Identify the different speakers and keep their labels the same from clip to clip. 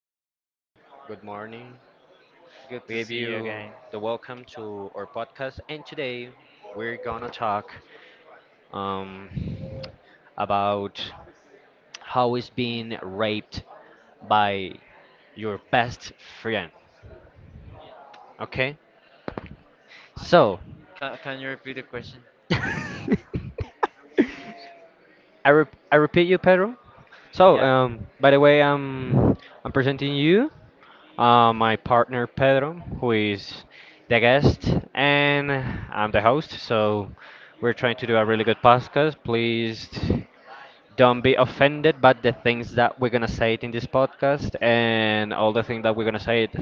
Speaker 1: good morning.
Speaker 2: good morning.
Speaker 1: Good
Speaker 2: We
Speaker 1: to
Speaker 2: give
Speaker 1: see you
Speaker 2: you
Speaker 1: again.
Speaker 2: the welcome to our podcast, and today we're gonna talk um, about how is being raped by your best friend. Okay, so
Speaker 1: Can you repeat the question?
Speaker 2: I repeat you, Pedro. So
Speaker 1: Yeah,
Speaker 2: by the way, I'm presenting you. My partner Pedro, who is the guest, and I'm the host. So we're trying to do a really good podcast. Please don't be offended by the things that we're gonna say it in this podcast, and all the things that we're gonna say it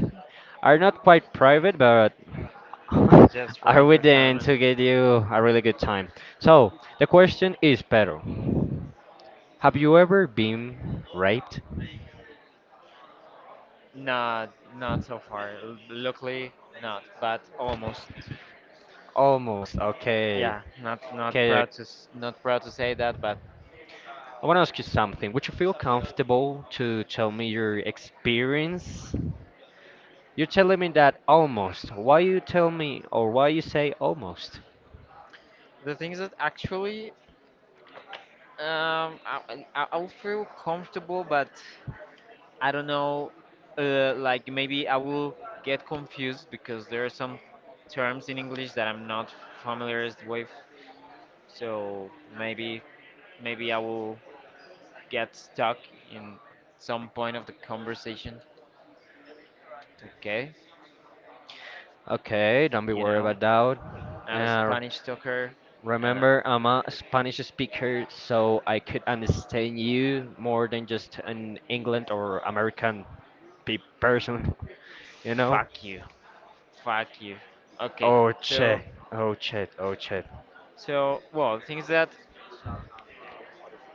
Speaker 2: are not quite private, but
Speaker 1: it's just for
Speaker 2: are within
Speaker 1: entertainment.
Speaker 2: to get you a really good time. So the question is, Pedro, have you ever been raped?
Speaker 1: Not so far. Luckily, not, but almost.
Speaker 2: Almost. Okay.
Speaker 1: Yeah, not
Speaker 2: Okay.
Speaker 1: proud to not proud to say that, but
Speaker 2: I want to ask you something. Would you feel comfortable to tell me your experience? You're telling me that almost. Why you tell me or why you say almost?
Speaker 1: the things that actually, I will feel comfortable, but I don't know. Like maybe I will get confused because there are some terms in English that I'm not familiar with. So maybe maybe I will get stuck in some point of the conversation. Okay,
Speaker 2: Okay, don't be
Speaker 1: you
Speaker 2: worried
Speaker 1: know,
Speaker 2: about that.
Speaker 1: I'm a Spanish talker, and
Speaker 2: Remember, I'm a Spanish speaker, so I could understand you more than just an England or American pe person, you know?
Speaker 1: fuck you, fuck you. Okay,
Speaker 2: Oh,
Speaker 1: so
Speaker 2: shit. Oh, shit. Oh, shit.
Speaker 1: so well, the thing is that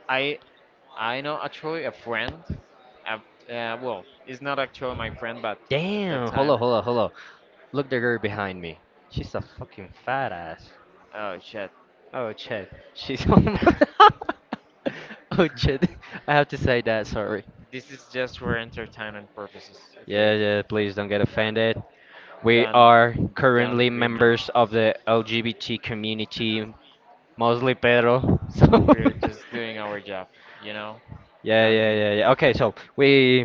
Speaker 1: I I know actually a friend. A, well, it's not actually my friend, but at that
Speaker 2: Damn! Hold
Speaker 1: time,
Speaker 2: up, hold up, hold up. Look the girl behind me. She's a fucking fat ass.
Speaker 1: oh shit.
Speaker 2: Oh shit. She's almost. Oh shit. I have to say that, sorry.
Speaker 1: This is just for entertainment purposes,
Speaker 2: Yeah,
Speaker 1: okay?
Speaker 2: yeah,
Speaker 1: Um,
Speaker 2: please don't get offended. We
Speaker 1: don't
Speaker 2: are
Speaker 1: don't
Speaker 2: currently
Speaker 1: be mad.
Speaker 2: members of the LGBT community, mostly Pedro. So
Speaker 1: We're just doing our job, you know.
Speaker 2: Yeah,
Speaker 1: Don't
Speaker 2: yeah,
Speaker 1: be.
Speaker 2: yeah, yeah. Okay, so we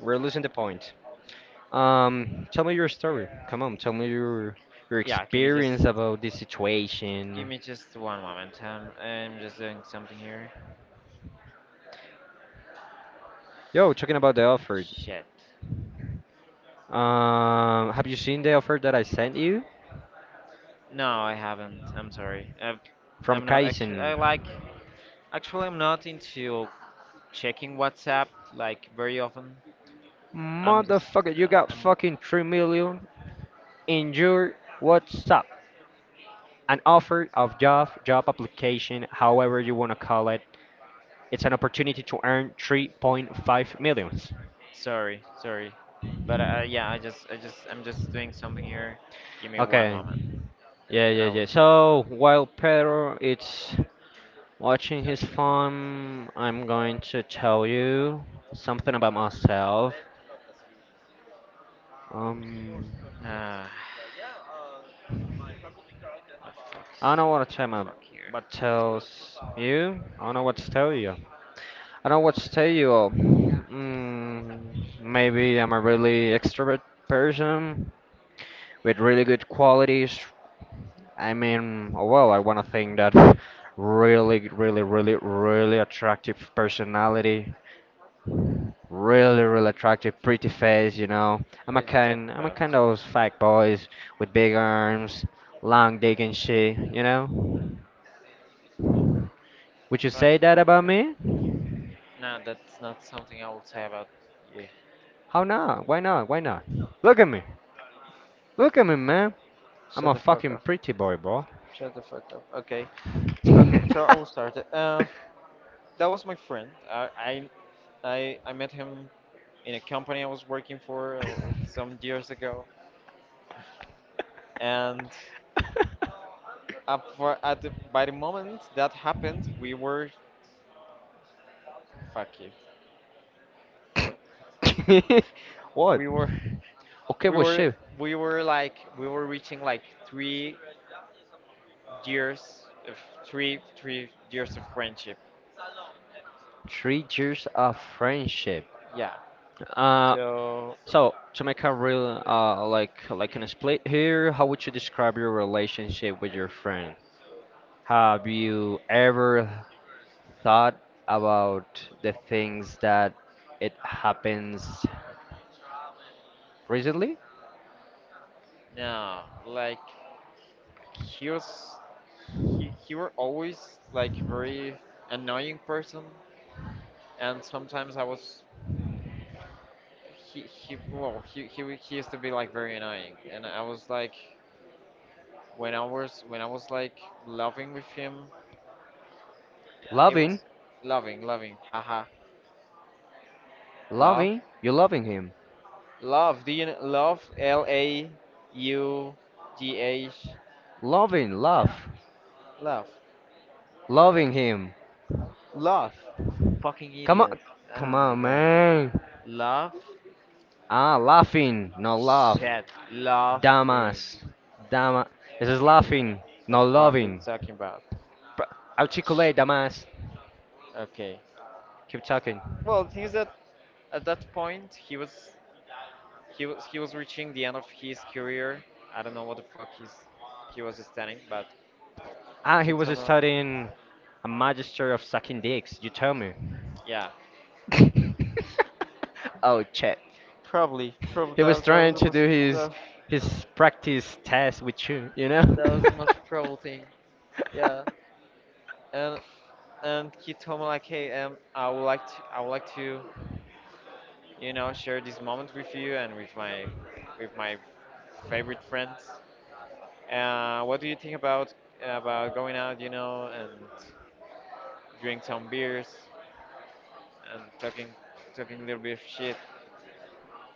Speaker 2: we're losing the point. Tell me your story. Come on, tell me your
Speaker 1: Yeah,
Speaker 2: experience about this situation.
Speaker 1: give me just one moment. I'm just doing something here.
Speaker 2: Yo, talking about the offer.
Speaker 1: Shit.
Speaker 2: Have you seen the offer that I sent you
Speaker 1: No, I haven't. I'm sorry. I
Speaker 2: from
Speaker 1: I'm not actually. I
Speaker 2: Kaizen?
Speaker 1: like. Actually, I'm not into checking WhatsApp like very often. I'm just.
Speaker 2: Motherfucker, you got
Speaker 1: I'm
Speaker 2: fucking 3 million in your WhatsApp. An offer of job, job application, however you wanna call it. It's an opportunity to earn 3.5 millions.
Speaker 1: sorry. Sorry. But yeah, I just. I just. I'm just doing something here. Give me one
Speaker 2: Okay.
Speaker 1: moment,
Speaker 2: Yeah,
Speaker 1: and
Speaker 2: yeah,
Speaker 1: I will
Speaker 2: yeah.
Speaker 1: start.
Speaker 2: So while Pedro, it's watching his farm, I'm going to tell you something about myself. Um,
Speaker 1: Ah. Oh, fuck.
Speaker 2: I don't know what to tell my,
Speaker 1: Fuck here.
Speaker 2: what tells you. I don't know what to tell you. I don't know what to tell you. Maybe I'm a really extrovert person with really good qualities. I mean, oh, well, I want to think that really, really, really, really attractive personality. Really, really attractive, pretty face. I'm a
Speaker 1: What is he
Speaker 2: kind,
Speaker 1: talking
Speaker 2: I'm a
Speaker 1: about?
Speaker 2: kind of those fat boys with big arms, long dick and shit. Would you
Speaker 1: What
Speaker 2: say
Speaker 1: you
Speaker 2: that
Speaker 1: talking
Speaker 2: about
Speaker 1: about?
Speaker 2: me?
Speaker 1: No, that's not something I will say about. Yeah.
Speaker 2: How not? Why not? Why not? Look at me. Look at me, man. I'm
Speaker 1: Shut
Speaker 2: a
Speaker 1: the fuck
Speaker 2: fucking
Speaker 1: up.
Speaker 2: pretty boy, bro.
Speaker 1: Shut the fuck up. Okay. Okay, so I will start it. That was my friend. I met him in a company I was working for some years ago. And up for, at the, by the moment that happened, we were. Fuck you.
Speaker 2: What?
Speaker 1: We were.
Speaker 2: Okay,
Speaker 1: We
Speaker 2: well,
Speaker 1: were.
Speaker 2: shit.
Speaker 1: We were like. We were reaching like 3 years of three years of friendship.
Speaker 2: 3 years of friendship.
Speaker 1: Yeah.
Speaker 2: Uh,
Speaker 1: So
Speaker 2: So to make a real like an split here, how would you describe your relationship with your friend? Have you ever thought about the things that it happens recently?
Speaker 1: no, like he was he were always like very annoying person, and sometimes I was he well he used to be like very annoying, and I was like when I was like loving with him, it
Speaker 2: Loving,
Speaker 1: was loving loving haha love
Speaker 2: loving, you loving him.
Speaker 1: love do you know, love LAUGH
Speaker 2: Loving, love,
Speaker 1: love.
Speaker 2: loving him.
Speaker 1: Laugh. Fucking
Speaker 2: Come on,
Speaker 1: idiot. Oh
Speaker 2: come
Speaker 1: my
Speaker 2: on,
Speaker 1: god. Mm.
Speaker 2: man.
Speaker 1: Laugh.
Speaker 2: Ah,
Speaker 1: Ah, laughing.
Speaker 2: laughing,
Speaker 1: No,
Speaker 2: no
Speaker 1: laugh.
Speaker 2: love.
Speaker 1: Shit. Laughing.
Speaker 2: Damas, dama. This is laughing,
Speaker 1: The
Speaker 2: no
Speaker 1: fuck you
Speaker 2: loving.
Speaker 1: talking about?
Speaker 2: Pr- Articulate, damas.
Speaker 1: Okay.
Speaker 2: Keep talking.
Speaker 1: Well, the thing is that at that point he was reaching the end of his career. I don't know what the fuck he was standing, but
Speaker 2: Ah, he was
Speaker 1: Kitoma.
Speaker 2: studying a magister of sucking dicks. You tell me.
Speaker 1: Yeah.
Speaker 2: Oh shit.
Speaker 1: Probably. Probably
Speaker 2: He was
Speaker 1: that was
Speaker 2: trying
Speaker 1: the
Speaker 2: to do
Speaker 1: most
Speaker 2: his
Speaker 1: that,
Speaker 2: his practice test with you, you know?
Speaker 1: that was the most probable thing. Yeah. And and he told me like, "Hey, I would like to, I would like to, you know, share this moment with you and with my favorite friends. What do you think about going out, you know, and drink some beers and talking, talking a little bit of shit?"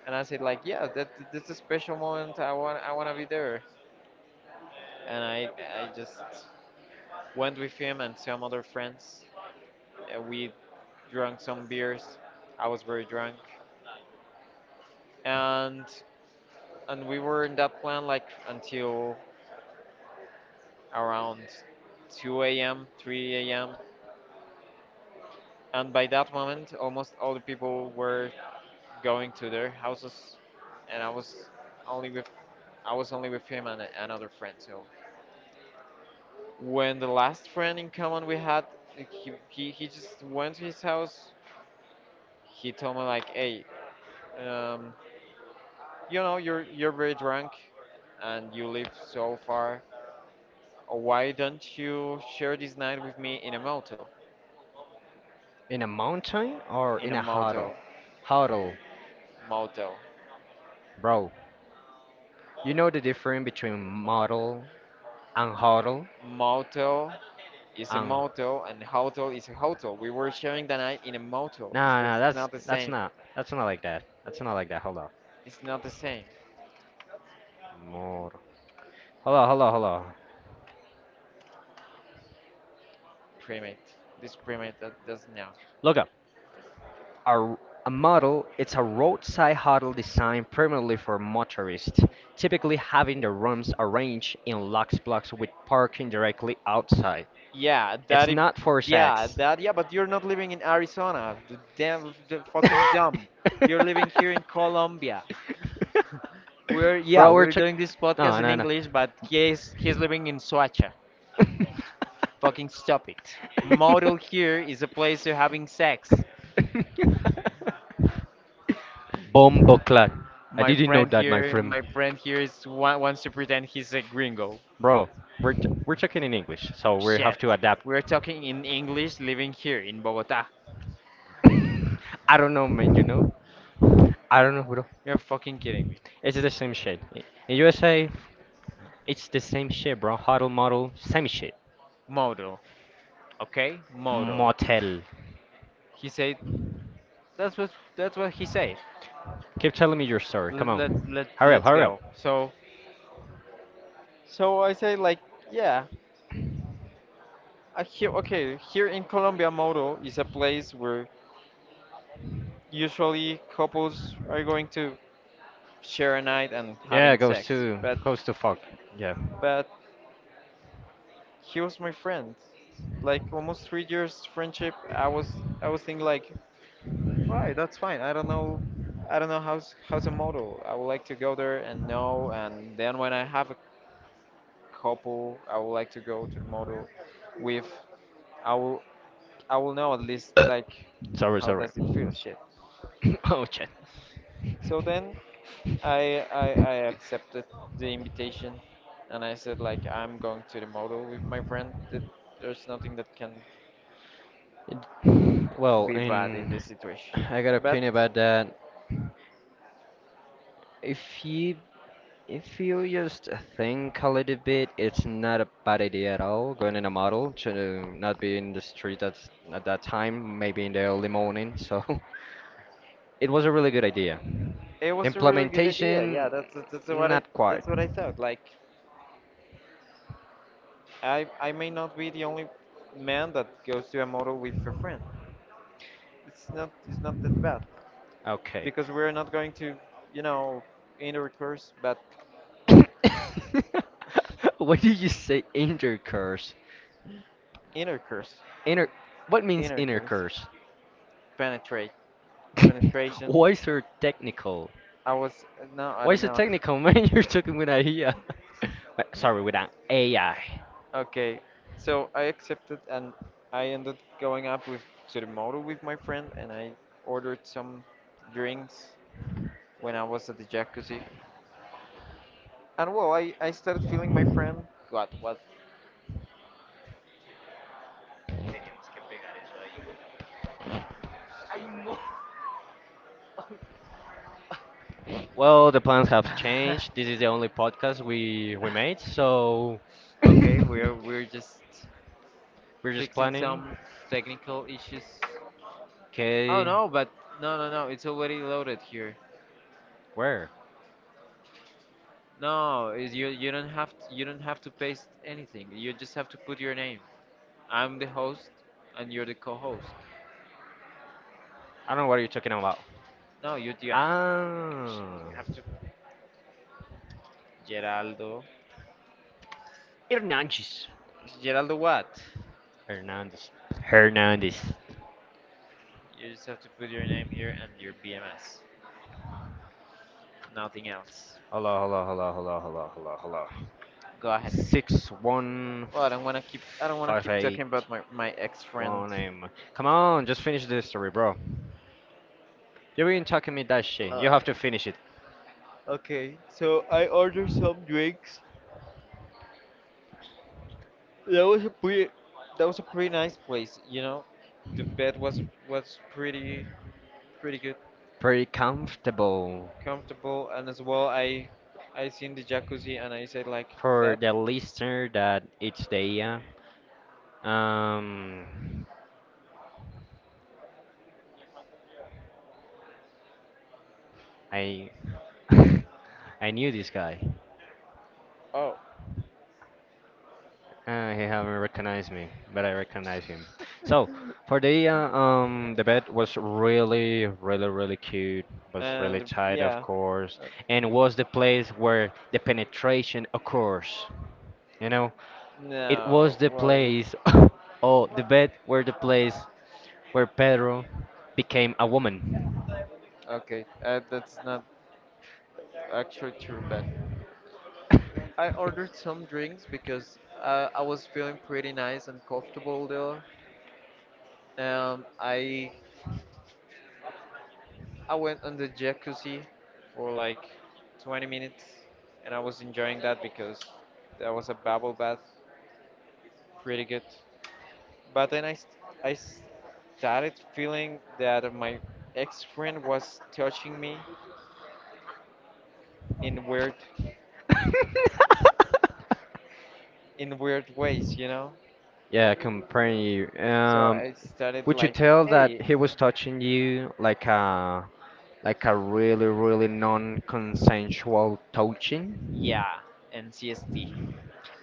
Speaker 1: And I said like, "Yeah, that that's a special moment. I want to be there." And I just went with him and some other friends. We drank some beers. I was very drunk, and and we were in that plan like until around 2 a.m., 3 a.m. And by that moment, almost all the people were going to their houses, and I was only with I was only with him and another friend. So when the last friend in common we had, he just went to his house. He told me like, hey, um, you know, you're very drunk, and you live so far. Why don't you share this night with me in a motel?
Speaker 2: In a mountain or
Speaker 1: In
Speaker 2: in
Speaker 1: a
Speaker 2: a huddle?
Speaker 1: motel.
Speaker 2: Huddle,
Speaker 1: Motel.
Speaker 2: bro. You know the difference between model and huddle
Speaker 1: Motel is a
Speaker 2: and
Speaker 1: motel and hotel is a hotel. We were sharing the night in a motel. It's
Speaker 2: no, no, that's
Speaker 1: not the
Speaker 2: that's
Speaker 1: same.
Speaker 2: not that's not like that. That's not like that. Hold on.
Speaker 1: It's not the same.
Speaker 2: Model. Hold on, hold on, hold on.
Speaker 1: Primate. This primate that doesn't know.
Speaker 2: Look up. A, a model. It's a roadside huddle designed primarily for motorists, typically having the rooms arranged in locked blocks with parking directly outside.
Speaker 1: Yeah,
Speaker 2: It's
Speaker 1: that if
Speaker 2: not for
Speaker 1: yeah,
Speaker 2: sex.
Speaker 1: that yeah, but you're not living in Arizona. The damn the fucking dumb. You're living here in Colombia. We're yeah,
Speaker 2: Bro, we're
Speaker 1: we're
Speaker 2: check.
Speaker 1: doing this
Speaker 2: No,
Speaker 1: podcast in
Speaker 2: no, no.
Speaker 1: English, but he's living in Soacha. Fucking stop it. Motel here is a place you're having sex.
Speaker 2: Bomboclat. I didn't know that, my friend.
Speaker 1: My friend here is wants to pretend he's a gringo.
Speaker 2: Bro, we're talking in English, so we
Speaker 1: Shit,
Speaker 2: have to adapt.
Speaker 1: we're talking in English, living here in Bogota.
Speaker 2: I don't know, man. I don't know, bro.
Speaker 1: You're fucking kidding me.
Speaker 2: It's the same shit. In USA, it's the same shit, bro. Huddle model, same shit.
Speaker 1: Model, okay, model.
Speaker 2: Motel.
Speaker 1: He said that's what that's what he said.
Speaker 2: Keep telling me your story. Come
Speaker 1: Let let
Speaker 2: on,
Speaker 1: let
Speaker 2: hurry up,
Speaker 1: let's
Speaker 2: hurry up.
Speaker 1: go. So so I say like yeah. I hear, okay, here in Colombia, Moto is a place where usually couples are going to share a night and
Speaker 2: Yeah,
Speaker 1: having
Speaker 2: goes
Speaker 1: sex.
Speaker 2: to goes to fuck. Yeah.
Speaker 1: But he was my friend. Like almost 3 years friendship. I was thinking like, why? That's fine. I don't know. I don't know how's a model. I would like to go there and know. And then when I have a couple, I would like to go to the model with. I will I will know at least like
Speaker 2: Sorry,
Speaker 1: how
Speaker 2: sorry.
Speaker 1: does it feel. Shit.
Speaker 2: Oh shit.
Speaker 1: So then I, I accepted the invitation, and I said like I'm going to the model with my friend. That there's nothing that can
Speaker 2: Well,
Speaker 1: be bad in
Speaker 2: in
Speaker 1: this situation.
Speaker 2: I got a
Speaker 1: But
Speaker 2: opinion about that. If you if you just think a little bit, it's not a bad idea at all. Going in a model to not be in the street at that time, maybe in the early morning. So it was a really good idea.
Speaker 1: it was a really good idea. Yeah,
Speaker 2: Implementation, not quite.
Speaker 1: that's what I thought. Like I may not be the only man that goes to a model with a friend. It's not that bad
Speaker 2: Okay.
Speaker 1: because we're not going to you know intercourse, but
Speaker 2: What did you say? Intercourse.
Speaker 1: intercourse,
Speaker 2: Inner. What means
Speaker 1: intercourse,
Speaker 2: intercourse?
Speaker 1: penetrate, penetration.
Speaker 2: Why so technical?
Speaker 1: I was no, I
Speaker 2: Why
Speaker 1: don't
Speaker 2: is it
Speaker 1: know.
Speaker 2: technical, man? You're talking with AI. Wait, sorry, with an AI.
Speaker 1: Okay, so I accepted and I ended going up with to the motor with my friend and I ordered some drinks when I was at the jacuzzi. And well, I started feeling my friend. God, what?
Speaker 2: Well, the plans have changed. This is the only podcast we made, so
Speaker 1: Okay,
Speaker 2: we're
Speaker 1: we're just
Speaker 2: just
Speaker 1: fixing
Speaker 2: planning.
Speaker 1: some technical issues. Oh
Speaker 2: Okay,
Speaker 1: no, but no, it's already loaded here.
Speaker 2: where?
Speaker 1: No, is you you don't have to paste anything. You just have to put your name. I'm the host, and you're the co-host.
Speaker 2: I don't know what you're talking
Speaker 1: Oh,
Speaker 2: about.
Speaker 1: no, you, Ah,
Speaker 2: Ah,
Speaker 1: you have to. Geraldo. Nice.
Speaker 2: Hernandez.
Speaker 1: Geraldo what?
Speaker 2: Hernandez. Hernandez.
Speaker 1: You just have to put your name here and your BMS. Nothing else.
Speaker 2: Hello, hello, hello, hello, hello, hello, hello.
Speaker 1: Go ahead.
Speaker 2: Six one
Speaker 1: Well, I don't wanna
Speaker 2: five
Speaker 1: keep talking
Speaker 2: eight
Speaker 1: about my ex friend.
Speaker 2: one name. Come
Speaker 1: No,
Speaker 2: on, just finish this story, bro. You've been talking me that shit. You
Speaker 1: Uh,
Speaker 2: have to finish it.
Speaker 1: okay, so I ordered some drinks. That was a pretty, that was a pretty nice place, you know. The bed was pretty pretty good,
Speaker 2: Pretty comfortable
Speaker 1: comfortable, and as well I seen the jacuzzi and I said like
Speaker 2: for
Speaker 1: that,
Speaker 2: the listener that it's the uh, um I I knew this guy.
Speaker 1: oh,
Speaker 2: He haven't recognized me, but I recognize him. So for the bed was really really really cute. Was really
Speaker 1: and
Speaker 2: tight, of
Speaker 1: yeah,
Speaker 2: course,
Speaker 1: uh,
Speaker 2: and was the place where the penetration occurs. You know, it
Speaker 1: no,
Speaker 2: was the
Speaker 1: well yeah,
Speaker 2: place, oh, the bed were the place where Pedro became a woman.
Speaker 1: okay, that's not actually true, but I ordered some drinks because I was feeling pretty nice and comfortable there. Um, I I went on the jacuzzi for like 20 minutes and I was enjoying that because that was a bubble bath, pretty good. But then I started feeling that my ex-friend was touching me in weird in weird ways, you know?
Speaker 2: Yeah, comparing you.
Speaker 1: So I started
Speaker 2: Would you
Speaker 1: like,
Speaker 2: tell that
Speaker 1: hey,
Speaker 2: he was touching you like a really really non-consensual touching?
Speaker 1: yeah, NCST,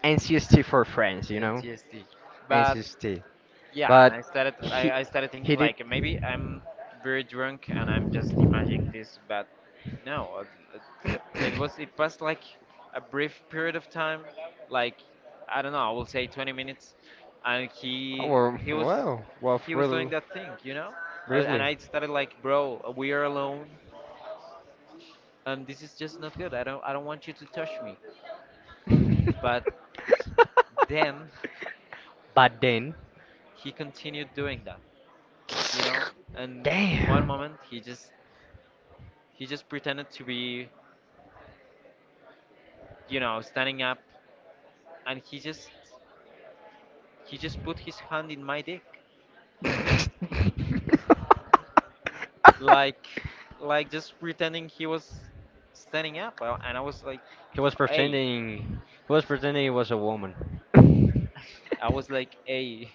Speaker 2: NCST for friends,
Speaker 1: N C S T, But
Speaker 2: NCST.
Speaker 1: yeah and
Speaker 2: But
Speaker 1: I started
Speaker 2: he
Speaker 1: I started thinking
Speaker 2: he did.
Speaker 1: like maybe I'm very drunk and I'm just imagining this but no it, it was it passed like a brief period of time like I don't know I will say 20 minutes and
Speaker 2: Oh
Speaker 1: he
Speaker 2: well,
Speaker 1: he was
Speaker 2: well, well,
Speaker 1: he was doing that thing you know and
Speaker 2: really.
Speaker 1: I started like bro we are alone and this is just not good I don't want you to touch me but then
Speaker 2: But then,
Speaker 1: he continued doing that you know and in one
Speaker 2: damn.
Speaker 1: moment he just. He just pretended to be, you know, standing up, and he just put his hand in my dick, like like just pretending he was standing up. And I was like,
Speaker 2: He was
Speaker 1: hey,
Speaker 2: pretending. He was pretending he was a woman.
Speaker 1: I was like, hey,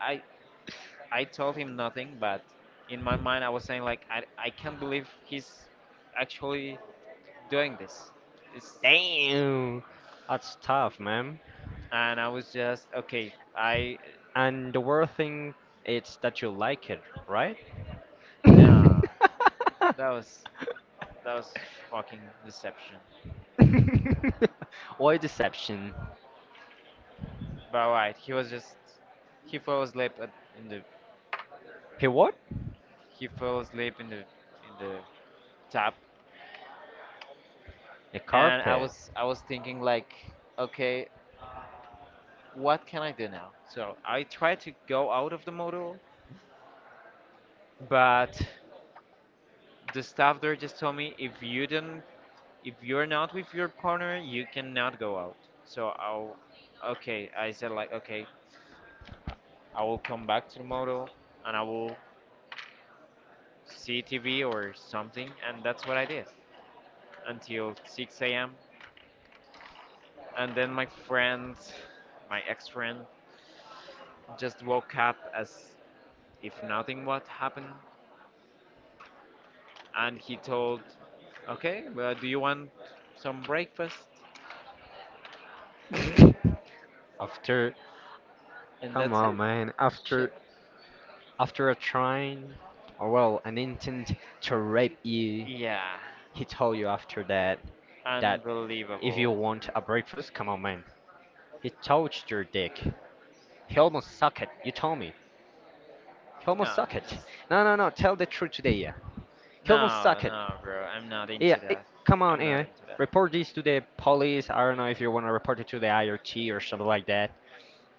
Speaker 1: I I told him nothing, but in my mind I was saying like, I can't believe he's actually doing this. It's,
Speaker 2: Damn, that's tough, man.
Speaker 1: and I was just okay. I
Speaker 2: And the worst thing is that you like it, right?
Speaker 1: nah, that was that was fucking deception.
Speaker 2: or deception.
Speaker 1: But right, he was just he fell asleep at, in the
Speaker 2: He what?
Speaker 1: he fell asleep in the tap,
Speaker 2: A
Speaker 1: and
Speaker 2: carpet.
Speaker 1: I was thinking like, okay, what can I do now? So I tried to go out of the module, but the staff there just told me if you don't if you're not with your partner, you cannot go out. So I'll okay, I said like okay, I will come back to the module and I will see TV or something, and that's what I did until 6 a.m. And then my friend, my ex friend, just woke up as if nothing what happened, and he told, "Okay, well, do you want some breakfast?"
Speaker 2: After,
Speaker 1: And
Speaker 2: come
Speaker 1: that's
Speaker 2: on,
Speaker 1: it.
Speaker 2: man.
Speaker 1: Shit.
Speaker 2: After a trying, or well, an intent to rape you,
Speaker 1: Yeah,
Speaker 2: he told you after that that if you
Speaker 1: unbelievable.
Speaker 2: want a breakfast, come on, man. He touched your dick. He almost sucked it. You told me. He almost
Speaker 1: No,
Speaker 2: sucked
Speaker 1: it
Speaker 2: it.
Speaker 1: just
Speaker 2: No, no, no. Tell the truth today, yeah. He almost
Speaker 1: no,
Speaker 2: sucked it.
Speaker 1: no, bro. I'm not
Speaker 2: Yeah,
Speaker 1: into
Speaker 2: eh,
Speaker 1: that.
Speaker 2: come on,
Speaker 1: I'm not
Speaker 2: AI.
Speaker 1: into that.
Speaker 2: Report this to the police. I don't know if you want to report it to the IoT or something like that.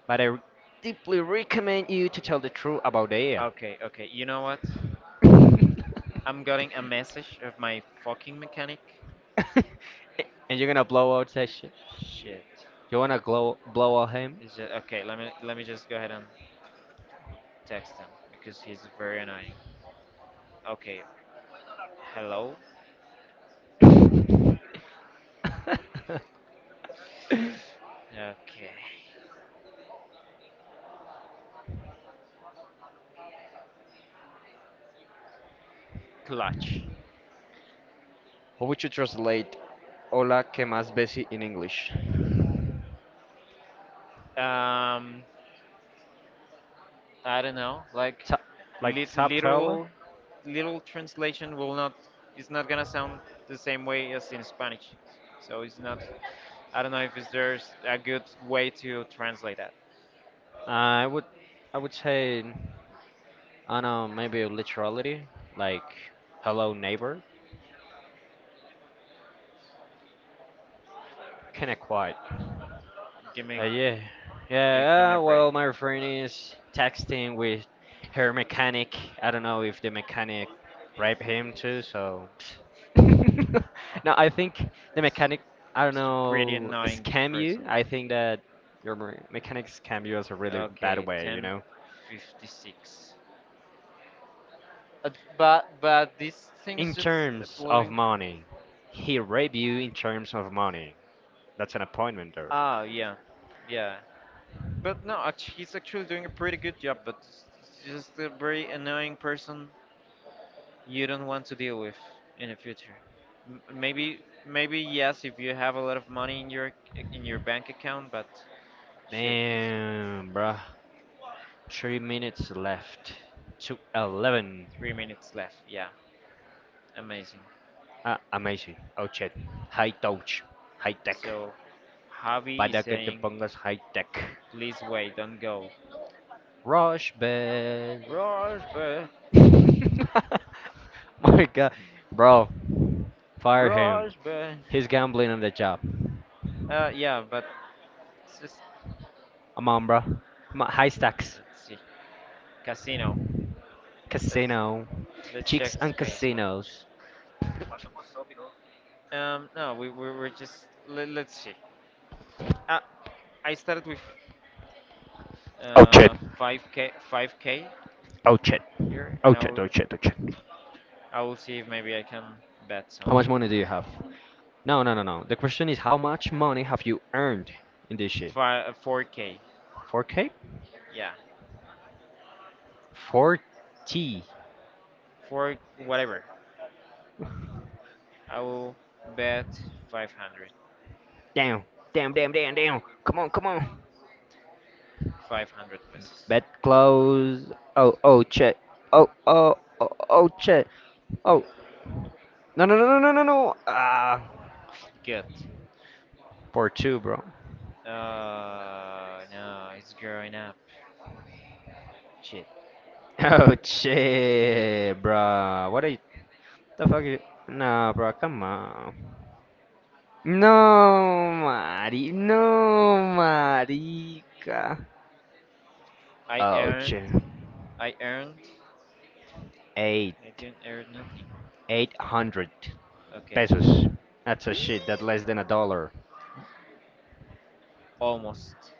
Speaker 2: But deeply recommend you to tell the truth about the AI.
Speaker 1: Okay, okay. You know what? I'm getting a message of my fucking mechanic.
Speaker 2: And you're gonna blow out that shit.
Speaker 1: Shit.
Speaker 2: You wanna blow out him?
Speaker 1: Is it okay? Let me just go ahead and text him because he's very annoying. Okay. Hello. Okay. Clutch.
Speaker 2: How would you translate "Hola, que más besi" in English?
Speaker 1: Um, I don't know. Like,
Speaker 2: Top, like
Speaker 1: lit-
Speaker 2: top fella?
Speaker 1: literal, literal translation will not. It's not gonna sound the same way as in Spanish. So it's not. I don't know if there's a good way to translate that.
Speaker 2: I would, I would say. I know maybe a literality, like hello neighbor, kind of quiet.
Speaker 1: Give me,
Speaker 2: Yeah,
Speaker 1: give me
Speaker 2: yeah.
Speaker 1: a break.
Speaker 2: Well, my friend is texting with her mechanic. I don't know if the mechanic raped him too. So no,
Speaker 1: Fucking.
Speaker 2: I think the mechanic. I don't
Speaker 1: It's a pretty
Speaker 2: know
Speaker 1: annoying
Speaker 2: scam you.
Speaker 1: person.
Speaker 2: I think that your mechanic scam you is a really bad
Speaker 1: Okay,
Speaker 2: way. You know,
Speaker 1: 1056. Uh, but this thing is
Speaker 2: in
Speaker 1: just
Speaker 2: terms of
Speaker 1: uploading.
Speaker 2: money, he raped you in terms of money. That's an appointment, though.
Speaker 1: Ah, yeah, yeah. But no, he's actually doing a pretty good job. But it's just a very annoying person you don't want to deal with in the future. Maybe maybe yes, if you have a lot of money in your bank account. But shit,
Speaker 2: Damn, bruh. 3 minutes left to 11.
Speaker 1: 3 minutes left. Yeah, amazing.
Speaker 2: Ah, amazing. Oh, shit. High touch. High tech.
Speaker 1: So, Javi is
Speaker 2: Pada
Speaker 1: saying,
Speaker 2: Padakatapangas high tech.
Speaker 1: please wait, don't go.
Speaker 2: Rush bed.
Speaker 1: Rush, but
Speaker 2: My god. Bro, fire him.
Speaker 1: rush, but
Speaker 2: He's gambling on the job.
Speaker 1: yeah, but it's just
Speaker 2: I'm on, bruh. I on high stacks.
Speaker 1: let's see, casino. Let's
Speaker 2: Casino.
Speaker 1: let's check
Speaker 2: Chicks
Speaker 1: the
Speaker 2: and
Speaker 1: Spanish one.
Speaker 2: casinos.
Speaker 1: No, we were just let, let's see. Uh, I started with
Speaker 2: Oh, shit.
Speaker 1: 5k 5k
Speaker 2: Oh, shit.
Speaker 1: here,
Speaker 2: Oh,
Speaker 1: and
Speaker 2: shit. Oh, shit. Oh, shit.
Speaker 1: I will see if maybe I can bet
Speaker 2: How much
Speaker 1: something.
Speaker 2: money do you have? No, no, no, no. The question is how much money have you earned in this shit?
Speaker 1: Five 4k,
Speaker 2: 4K?
Speaker 1: yeah.
Speaker 2: 40? T
Speaker 1: For whatever. I will bet 500. Damn,
Speaker 2: Down,
Speaker 1: damn,
Speaker 2: down, down,
Speaker 1: damn, damn,
Speaker 2: down, down. Come
Speaker 1: damn.
Speaker 2: on, come on.
Speaker 1: 500 pesos.
Speaker 2: Bet
Speaker 1: Bet close.
Speaker 2: close. Oh,
Speaker 1: Oh,
Speaker 2: oh, check. Oh,
Speaker 1: oh,
Speaker 2: oh, oh, oh,
Speaker 1: okay.
Speaker 2: shit. Oh, no,
Speaker 1: No, no,
Speaker 2: no, no,
Speaker 1: no, no,
Speaker 2: no,
Speaker 1: no,
Speaker 2: no,
Speaker 1: no,
Speaker 2: no,
Speaker 1: no.
Speaker 2: no.
Speaker 1: Ah,
Speaker 2: Ah,
Speaker 1: good. For two,
Speaker 2: 4-2, bro.
Speaker 1: bro. Oh no, it's growing up. Shit. Oh,
Speaker 2: Oh,
Speaker 1: shit,
Speaker 2: shit,
Speaker 1: bro.
Speaker 2: bro. What
Speaker 1: What
Speaker 2: are
Speaker 1: are you?
Speaker 2: you?
Speaker 1: What the
Speaker 2: The
Speaker 1: fuck
Speaker 2: fuck is?
Speaker 1: is- Nah,
Speaker 2: No,
Speaker 1: bro,
Speaker 2: bro,
Speaker 1: come
Speaker 2: come
Speaker 1: on.
Speaker 2: on.
Speaker 1: No,
Speaker 2: No, Mari.
Speaker 1: Mari. No,
Speaker 2: No,
Speaker 1: Mari.
Speaker 2: marica.
Speaker 1: I
Speaker 2: Oh,
Speaker 1: earned
Speaker 2: shit.
Speaker 1: I earned. A
Speaker 2: Eight.
Speaker 1: I didn't earn nothing. eight
Speaker 2: 800
Speaker 1: hundred Okay. Pesos.
Speaker 2: pesos. That's
Speaker 1: That's
Speaker 2: a
Speaker 1: a shit.
Speaker 2: shit. That's
Speaker 1: That's less
Speaker 2: less
Speaker 1: than
Speaker 2: than a
Speaker 1: a dollar.
Speaker 2: dollar.
Speaker 1: Almost.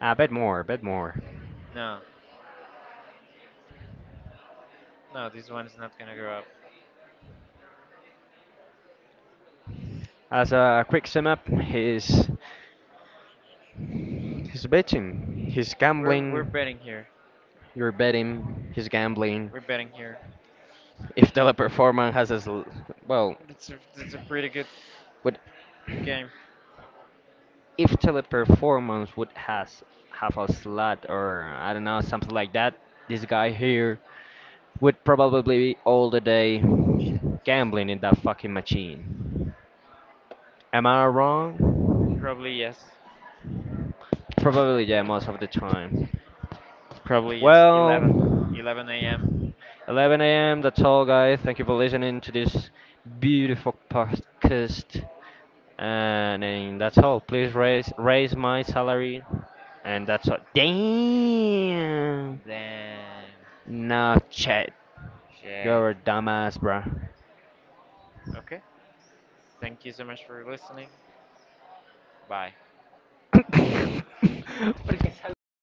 Speaker 2: I
Speaker 1: A
Speaker 2: bet
Speaker 1: bit
Speaker 2: more.
Speaker 1: more. A
Speaker 2: Bet
Speaker 1: bit more.
Speaker 2: more.
Speaker 1: No. No, this one is not gonna go up.
Speaker 2: As
Speaker 1: As a
Speaker 2: a quick
Speaker 1: African,
Speaker 2: sum up, he's betting. He's
Speaker 1: we're
Speaker 2: gambling.
Speaker 1: betting here.
Speaker 2: You're betting. He's gambling.
Speaker 1: We're betting here.
Speaker 2: If teleperformance has as l- well,
Speaker 1: It's a pretty good
Speaker 2: would
Speaker 1: game.
Speaker 2: if teleperformance would has have a slot or I don't know something like that, this guy here would probably be all the day gambling in that fucking machine. Am
Speaker 1: Am
Speaker 2: I
Speaker 1: I wrong?
Speaker 2: wrong?
Speaker 1: Probably yes.
Speaker 2: Probably, yeah, most of the time.
Speaker 1: Probably yes. 11.
Speaker 2: Well,
Speaker 1: 11 a.m.
Speaker 2: 11 a.m. That's all, guys. Thank you for listening to this beautiful podcast. And then that's all. Please
Speaker 1: Red,
Speaker 2: raise
Speaker 1: red,
Speaker 2: raise my salary. And that's all.
Speaker 1: damn.
Speaker 2: Damn.
Speaker 1: Damn.
Speaker 2: No,
Speaker 1: Not check.
Speaker 2: chat.
Speaker 1: Shit.
Speaker 2: You're a dumbass, bro.
Speaker 1: Okay. Thank you so much for listening. Bye.
Speaker 2: ¿Por qué saludas?